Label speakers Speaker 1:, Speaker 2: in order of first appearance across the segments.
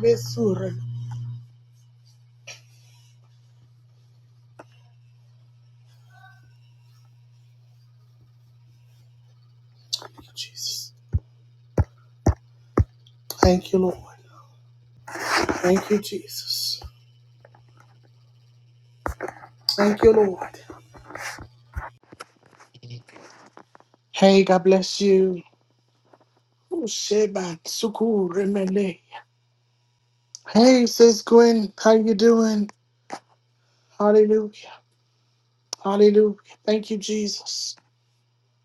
Speaker 1: Besura. Jesus. Thank you, Lord. Thank you, Jesus. Thank you, Lord. Hey, God bless you. Sheba Suku Remele. Hey, sis Gwen, how you doing? Hallelujah. Hallelujah. Thank you, Jesus.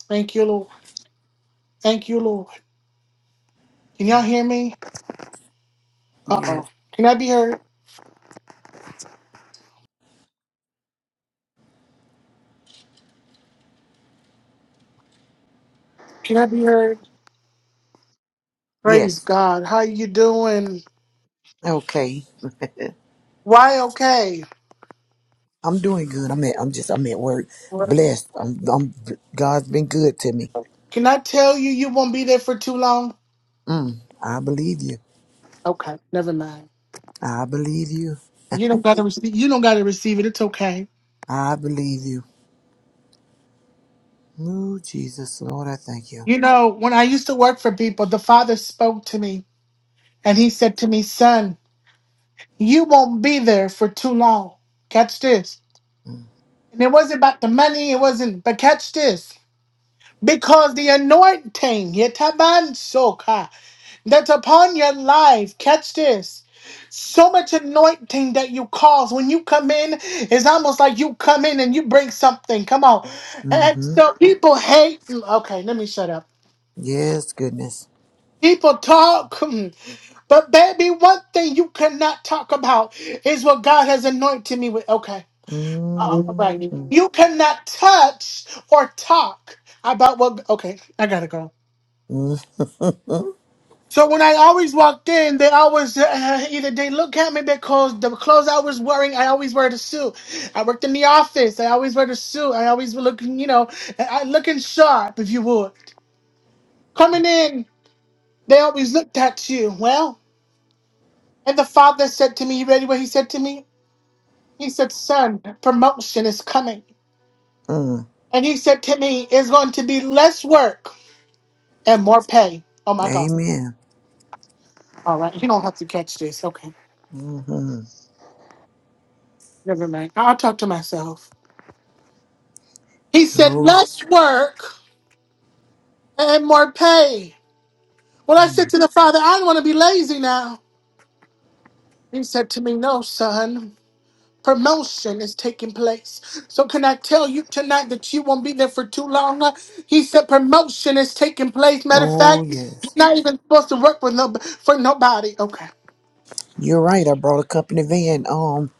Speaker 1: Thank you, Lord. Thank you, Lord. Can y'all hear me?
Speaker 2: Yes.
Speaker 1: Uh-oh. Can I be heard? Can I be heard? Praise
Speaker 2: Yes.
Speaker 1: God. How you doing?
Speaker 2: Okay.
Speaker 1: Why okay?
Speaker 2: I'm doing good. I'm at. I'm just. I'm at work.
Speaker 1: What?
Speaker 2: Blessed. I'm. I'm God's been good to me.
Speaker 1: Can I tell you you won't be there for too long?
Speaker 2: Mm, I believe you.
Speaker 1: Okay, never mind.
Speaker 2: I believe you.
Speaker 1: You don't gotta receive. You don't gotta receive it. It's okay.
Speaker 2: I believe you. Oh Jesus, Lord, I thank you.
Speaker 1: You know, when I used to work for people, the father spoke to me and he said to me, "Son, you won't be there for too long. Catch this."
Speaker 2: Mm.
Speaker 1: And it wasn't about the money. It wasn't. But catch this, because the anointing yetaban soka that's upon your life. Catch this. So much anointing that you cause when you come in, it's almost like you come in and you bring something. Come on. And
Speaker 2: Mm-hmm.
Speaker 1: so people hate. Okay, let me shut up.
Speaker 2: Yes, goodness.
Speaker 1: People talk, hmm, but baby, one thing you cannot talk about is what God has anointed me with. Okay, all right.
Speaker 2: Mm-hmm.
Speaker 1: You cannot touch or talk about what. Okay, I gotta go. So when I always walked in, they always uh, either they look at me because the clothes I was wearing, I always wear the suit. I worked in the office, I always wear the suit. I always were looking, you know, I I- looking sharp, if you would. Coming in, they always looked at you. Well. And the father said to me, You ready what he said to me? He said, Son, promotion is coming.
Speaker 2: Mm-hmm.
Speaker 1: And he said to me, It's going to be less work and more pay. Oh my God.
Speaker 2: Amen.
Speaker 1: All right. You don't have to catch this. Okay.
Speaker 2: Mm-hmm.
Speaker 1: Never mind. I'll talk to myself. He said,
Speaker 2: Oh.
Speaker 1: Less work and more pay. Well, I said
Speaker 2: Mm.
Speaker 1: to the father, I don't want to be lazy now. He said to me, No, son. Promotion is taking place. So, can I tell you tonight that you won't be there for too long? He said promotion is taking place. Matter of
Speaker 2: Oh
Speaker 1: fact, you're
Speaker 2: yes.
Speaker 1: not even supposed to work with no, for nobody. Okay.
Speaker 2: You're right. I brought a company van. Um,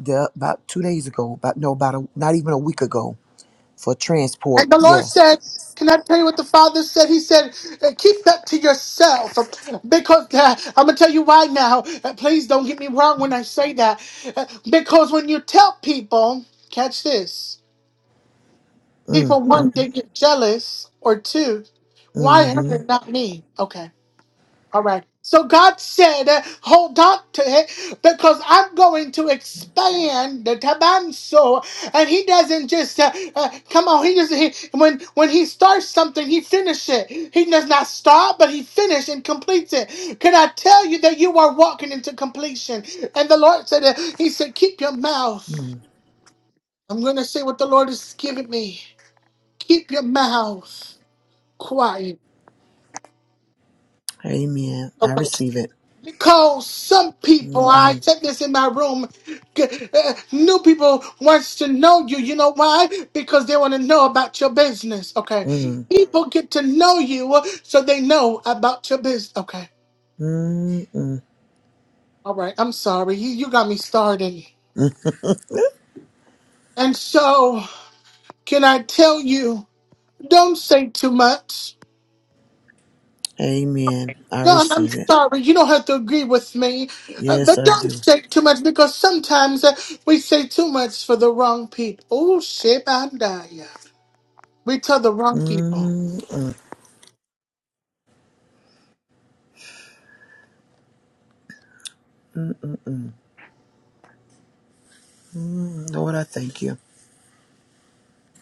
Speaker 2: the, about two days ago. About no, about a, not even a week ago. for transport.
Speaker 1: And the Lord
Speaker 2: Yes.
Speaker 1: said, Can I tell you what the Father said? He said, "Uh, Keep that to yourself. Because uh, I'm going to tell you why now. Uh, please don't get me wrong when I say that. Uh, because when you tell people, catch this,
Speaker 2: Mm,
Speaker 1: people
Speaker 2: mm,
Speaker 1: one, they get jealous, or two, why her,
Speaker 2: mm,
Speaker 1: not me? Okay. All right. So God said, uh, hold on to it because I'm going to expand the tabanso. And he doesn't just, uh, uh, come on, he just, he, when, when he starts something, he finishes it. He does not start, but he finishes and completes it. Can I tell you that you are walking into completion? And the Lord said, uh, he said, keep your mouth.
Speaker 2: mm.
Speaker 1: I'm going to say what the Lord has given me. Keep your mouth quiet.
Speaker 2: Amen. I
Speaker 1: Okay.
Speaker 2: receive it.
Speaker 1: Because some people, I
Speaker 2: Mm-hmm.
Speaker 1: said this in my room, g- uh, new people wants to know you. You know why? Because they want to know about your business. Okay,
Speaker 2: Mm,
Speaker 1: people get to know you uh, so they know about your business. Okay,
Speaker 2: mm, mm,
Speaker 1: all right. I'm sorry, you you got me started.
Speaker 2: mm.
Speaker 1: And so, can I tell you? Don't say too much.
Speaker 2: Amen. I
Speaker 1: John, I'm
Speaker 2: receive it.
Speaker 1: sorry, you don't have to agree with me, uh,
Speaker 2: Yes,
Speaker 1: but
Speaker 2: I
Speaker 1: don't
Speaker 2: do.
Speaker 1: say too much because sometimes uh, we say too much for the wrong people. Oh, shit, I die. yeah. We tell the wrong people.
Speaker 2: Mm, mm, mm, mm, mm. Mm, Lord, I thank you.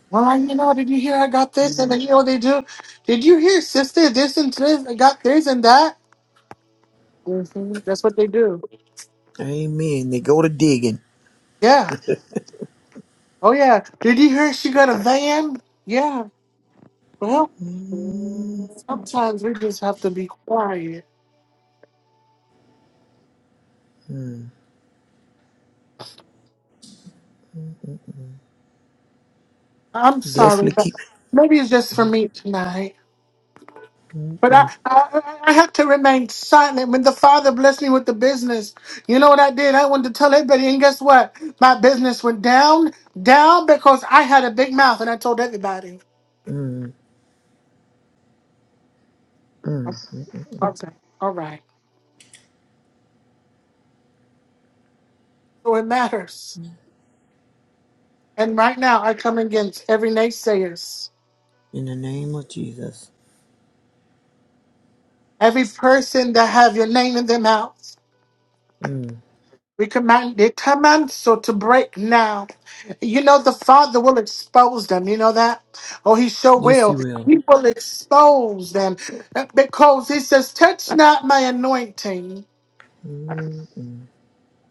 Speaker 1: Well, you know, did you hear I got this? And
Speaker 2: Mm.
Speaker 1: then, you know, they do. Did you hear, sister, this and this? I got this and that. hmm That's what they do.
Speaker 2: Amen. They go to digging.
Speaker 1: Yeah. Oh, yeah. Did you hear she got a van? Yeah. Well,
Speaker 2: Mm,
Speaker 1: sometimes we just have to be quiet.
Speaker 2: mm, mm.
Speaker 1: I'm sorry,
Speaker 2: Definitely
Speaker 1: but
Speaker 2: keep.
Speaker 1: maybe it's just for
Speaker 2: Mm,
Speaker 1: me tonight.
Speaker 2: mm,
Speaker 1: But I,
Speaker 2: mm,
Speaker 1: I, I had to remain silent when the father blessed me with the business. You know what I did? I wanted to tell everybody, and guess what? My business went down, down because I had a big mouth and I told everybody.
Speaker 2: mm, mm, mm, mm,
Speaker 1: Okay. All right. So it matters.
Speaker 2: mm.
Speaker 1: And right now, I come against every naysayers,
Speaker 2: In the name of Jesus.
Speaker 1: every person that have your name in their mouth.
Speaker 2: Mm.
Speaker 1: We command they command so to break now. You know the Father will expose them. You know that? Oh, He sure
Speaker 2: Yes, He
Speaker 1: will.
Speaker 2: will.
Speaker 1: He will expose them because He says, "Touch not my anointing,
Speaker 2: Mm, mm.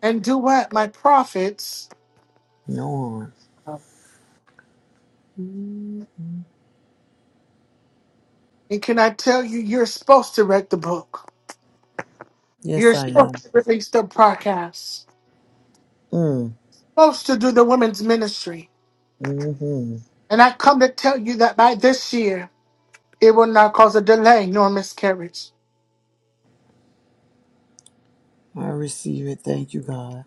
Speaker 1: and do what my prophets."
Speaker 2: No one. Mm,
Speaker 1: And can I tell you, you're supposed to read the book.
Speaker 2: Yes,
Speaker 1: You're
Speaker 2: I
Speaker 1: supposed
Speaker 2: am.
Speaker 1: to release the podcast.
Speaker 2: Mm.
Speaker 1: Supposed to do the women's ministry.
Speaker 2: Mm-hmm.
Speaker 1: And I come to tell you that by this year, it will not cause a delay nor miscarriage.
Speaker 2: I receive it. Thank you, God.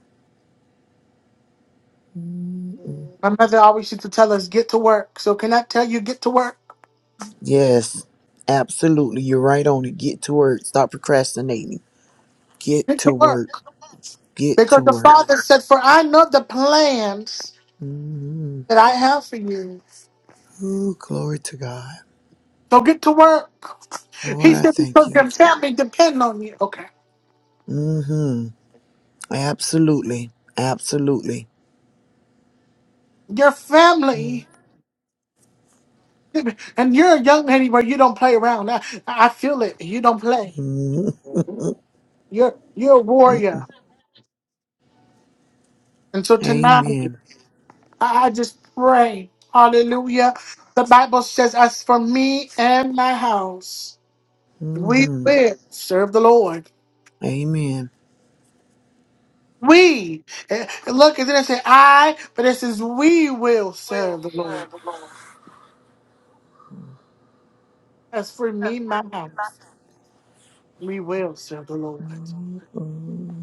Speaker 2: Mm-mm.
Speaker 1: My mother always used to tell us, get to work. So can I tell you, get to work?
Speaker 2: Yes, absolutely. You're right on it. Get to work. Stop procrastinating. Get
Speaker 1: Get
Speaker 2: to
Speaker 1: to
Speaker 2: work.
Speaker 1: work.
Speaker 2: Get to
Speaker 1: Because the
Speaker 2: work.
Speaker 1: Father said, for I know the plans
Speaker 2: Mm-hmm.
Speaker 1: that I have for you.
Speaker 2: Ooh, glory to God.
Speaker 1: So get to work.
Speaker 2: Lord,
Speaker 1: He
Speaker 2: I
Speaker 1: said,
Speaker 2: thank
Speaker 1: because
Speaker 2: you.
Speaker 1: your family depend on you. Okay.
Speaker 2: Mm-hmm. Absolutely. Absolutely.
Speaker 1: Your family, and you're a young lady where you don't play around. I, I feel it. You don't play.
Speaker 2: Mm-hmm.
Speaker 1: You're, you're a warrior. And so tonight, I
Speaker 2: Amen.
Speaker 1: I just pray. Hallelujah. The Bible says, as for me and my house. We
Speaker 2: Mm-hmm.
Speaker 1: will serve the Lord.
Speaker 2: Amen.
Speaker 1: We. And Look, it didn't say I, but it says we will serve the Lord. As for me and my house, we will serve the Lord.
Speaker 2: Mm.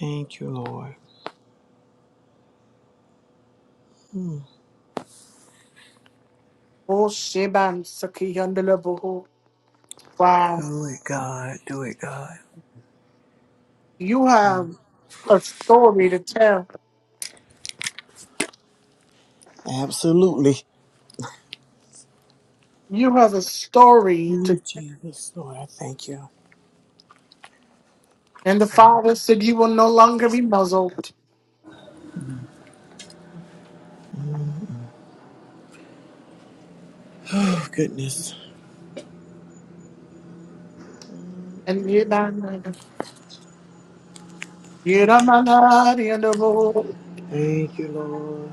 Speaker 2: Thank you, Lord.
Speaker 1: Oh, Sheban Saki Yandalaboho. Wow.
Speaker 2: Do it, God. Do it, God.
Speaker 1: You have a story to tell.
Speaker 2: Absolutely.
Speaker 1: You have a story to
Speaker 2: Ooh, Jesus, Lord, I thank you.
Speaker 1: and the Father said you will no longer be muzzled.
Speaker 2: Oh, goodness.
Speaker 1: And Yeban- Yedamanadiandabo.
Speaker 2: Thank you, Lord.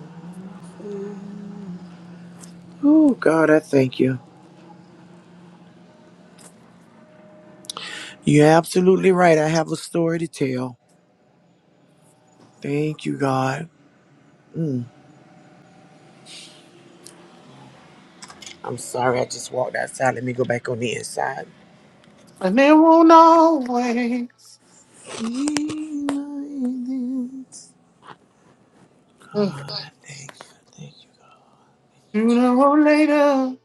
Speaker 2: Oh, God, I thank you. You're absolutely right. I have a story to tell. Thank you, God. Mm, I'm sorry. I just walked outside. Let me go back on the inside.
Speaker 1: and it won't always.
Speaker 2: Thank you. Thank you.
Speaker 1: Sooner or later,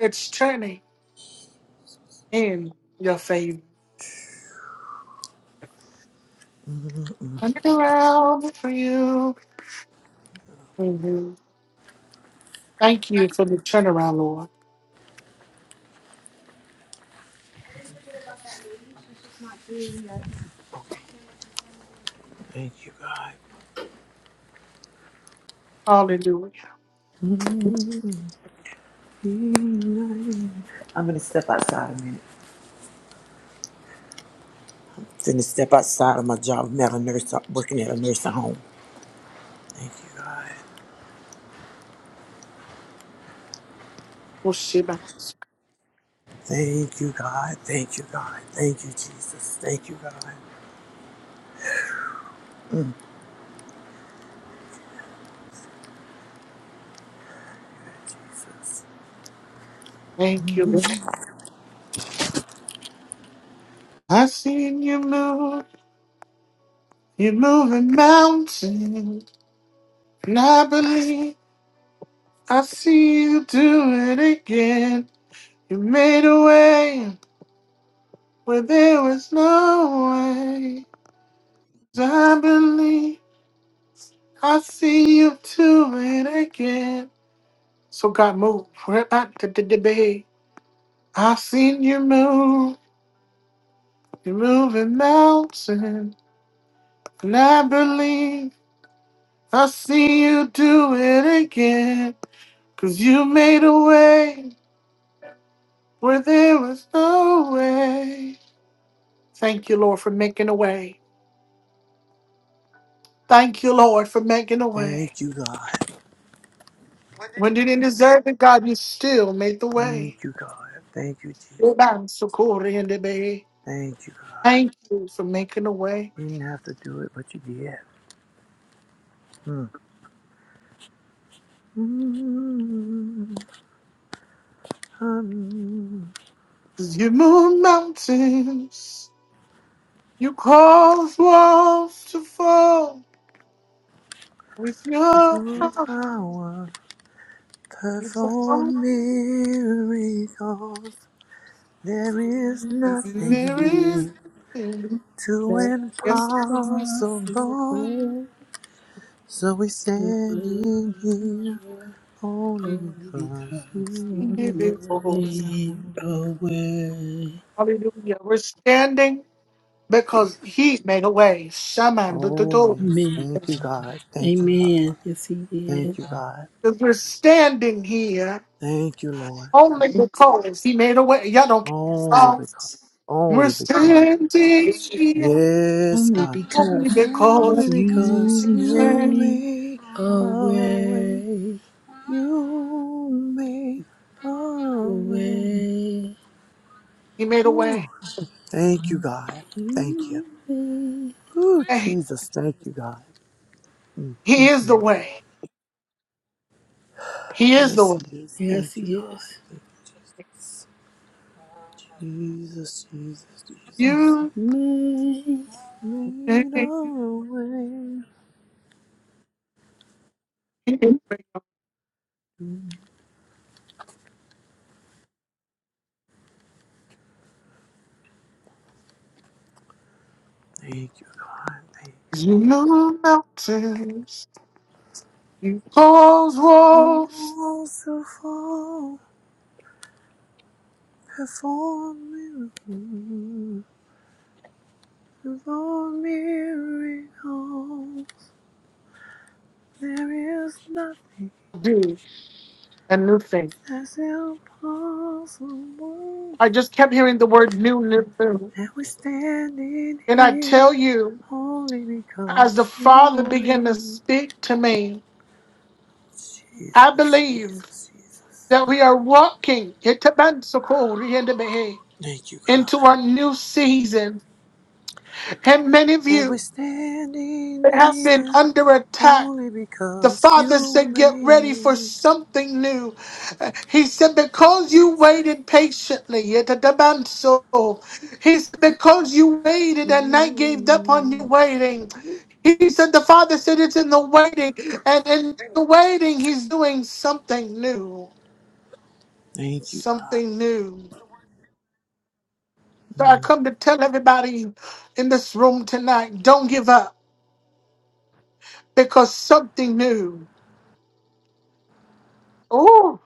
Speaker 1: it's turning in your favor.
Speaker 2: Mm-mm.
Speaker 1: Turn it around for you. Mhm. Thank you for the turnaround, Lord.
Speaker 2: Thank you, God.
Speaker 1: Hallelujah.
Speaker 2: Mm-mm. I'm going to step outside a minute. Didn't step outside of my job. I'm at a nurse, uh, working at a nursing home. Thank you, God.
Speaker 1: Oh, Shema.
Speaker 2: Thank you, God. Thank you, God. Thank you, Jesus. Thank you, God. Jesus.
Speaker 1: Thank you, Lord. I seen you move. You're moving mountains. And I believe I see you do it again. You made a way where there was no way. 'Cause I believe I see you do it again. So God moved right back to the debate. I seen you move. You're moving mountains. And I believe I see you do it again. Cause you made a way where there was no way. Thank you, Lord, for making a way. Thank you, Lord, for making a way.
Speaker 2: Thank you, God.
Speaker 1: When you didn't deserve it, God, you still made the way.
Speaker 2: Thank you, God. Thank you, Jesus.
Speaker 1: You're bound so cool in the bay.
Speaker 2: Thank you, God.
Speaker 1: Thank you for making a way.
Speaker 2: You didn't have to do it, but you did. Mm. Mm, mm,
Speaker 1: Cause you move mountains. You cause walls to fall with
Speaker 2: with
Speaker 1: your
Speaker 2: your
Speaker 1: power.
Speaker 2: power,
Speaker 1: You fall
Speaker 2: perform miracles. There is
Speaker 3: Only
Speaker 1: and there
Speaker 2: nothing
Speaker 1: is nothing
Speaker 2: Too
Speaker 1: yes
Speaker 2: impossible. So we standing here only because you
Speaker 3: Because you
Speaker 2: made
Speaker 1: before. you.
Speaker 2: a
Speaker 3: live
Speaker 2: way.
Speaker 3: away.
Speaker 1: Hallelujah. We're standing because He made a way. Shaman the
Speaker 2: Oh
Speaker 1: door.
Speaker 2: yes,
Speaker 3: Amen.
Speaker 2: thank you God, thank you God,
Speaker 3: Amen. Yes, he did.
Speaker 2: thank you God,
Speaker 1: Because we're standing here
Speaker 2: thank you Lord.
Speaker 1: only because He made a way. Y'all don't care.
Speaker 2: Only
Speaker 1: Oh,
Speaker 2: because,
Speaker 1: We're
Speaker 2: only because,
Speaker 1: standing here
Speaker 2: yes
Speaker 3: Only
Speaker 2: God,
Speaker 1: only
Speaker 3: because
Speaker 2: only
Speaker 1: because
Speaker 3: you
Speaker 2: because
Speaker 1: He made a
Speaker 2: you
Speaker 1: way.
Speaker 3: made
Speaker 2: made a way,
Speaker 3: away.
Speaker 2: you made a way.
Speaker 3: Away.
Speaker 1: He made a
Speaker 2: Ooh.
Speaker 1: way.
Speaker 2: Thank you God, thank you.
Speaker 3: You made.
Speaker 2: Ooh,
Speaker 1: Hey,
Speaker 2: Jesus, thank you, God. Mm.
Speaker 1: He is the way. He is the
Speaker 2: Yes,
Speaker 1: one.
Speaker 2: He is.
Speaker 3: Yes,
Speaker 2: Thank you, God.
Speaker 3: yes.
Speaker 2: Thank you, Jesus. Jesus, Jesus, Jesus.
Speaker 1: You
Speaker 3: Made
Speaker 2: Made
Speaker 1: take,
Speaker 2: a way.
Speaker 1: you
Speaker 2: Mm. Thank you, God. Thank you, Jesus.
Speaker 1: mountains, you cause walls,
Speaker 2: Walls will fall? Perform miracles. Perform miracles. There is nothing
Speaker 1: do a new thing.
Speaker 2: that's impossible.
Speaker 1: I just kept hearing the word new, new new.
Speaker 2: That we're standing
Speaker 1: And I tell
Speaker 2: here
Speaker 1: you,
Speaker 2: only
Speaker 1: as the
Speaker 2: because
Speaker 1: Father
Speaker 2: you
Speaker 1: began to
Speaker 2: made
Speaker 1: speak to me, I
Speaker 2: Jesus,
Speaker 1: believe
Speaker 2: Jesus, Jesus.
Speaker 1: that we are walking into
Speaker 2: Thank you, God.
Speaker 1: our new season. And many of
Speaker 2: And we're
Speaker 1: you
Speaker 2: standing
Speaker 1: have been
Speaker 2: here
Speaker 1: under attack
Speaker 2: only
Speaker 1: The
Speaker 2: because
Speaker 1: Father
Speaker 2: you
Speaker 1: said, Get
Speaker 2: made
Speaker 1: ready
Speaker 2: a
Speaker 1: for
Speaker 2: way.
Speaker 1: something new. Uh, He said, Because you
Speaker 2: Jesus,
Speaker 1: waited patiently, yet at the man so. He said, Because you
Speaker 2: thank
Speaker 1: waited and I gave up on you
Speaker 2: you.
Speaker 1: waiting. He said, The Father said, It's in the waiting. And in the waiting, He's doing something new.
Speaker 2: Thank you, God.
Speaker 1: Something new. So I
Speaker 2: Mm.
Speaker 1: come to tell everybody in this room tonight don't give up because something new. Oh,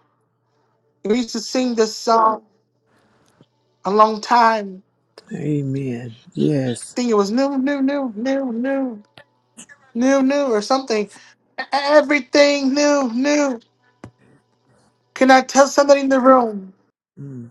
Speaker 1: we used to sing this song a long time
Speaker 2: Amen. Yes.
Speaker 1: think it was new, new, new, new, new, new, new, or something. E- Everything new, new. Can I tell somebody in the room?
Speaker 2: Mm.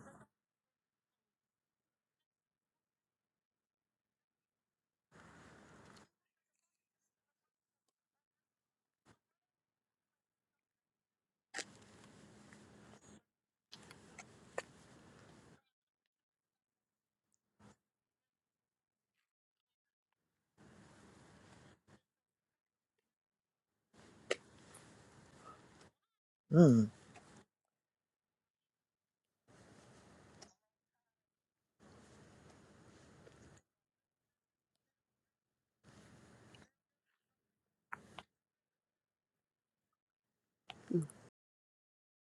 Speaker 2: Mm.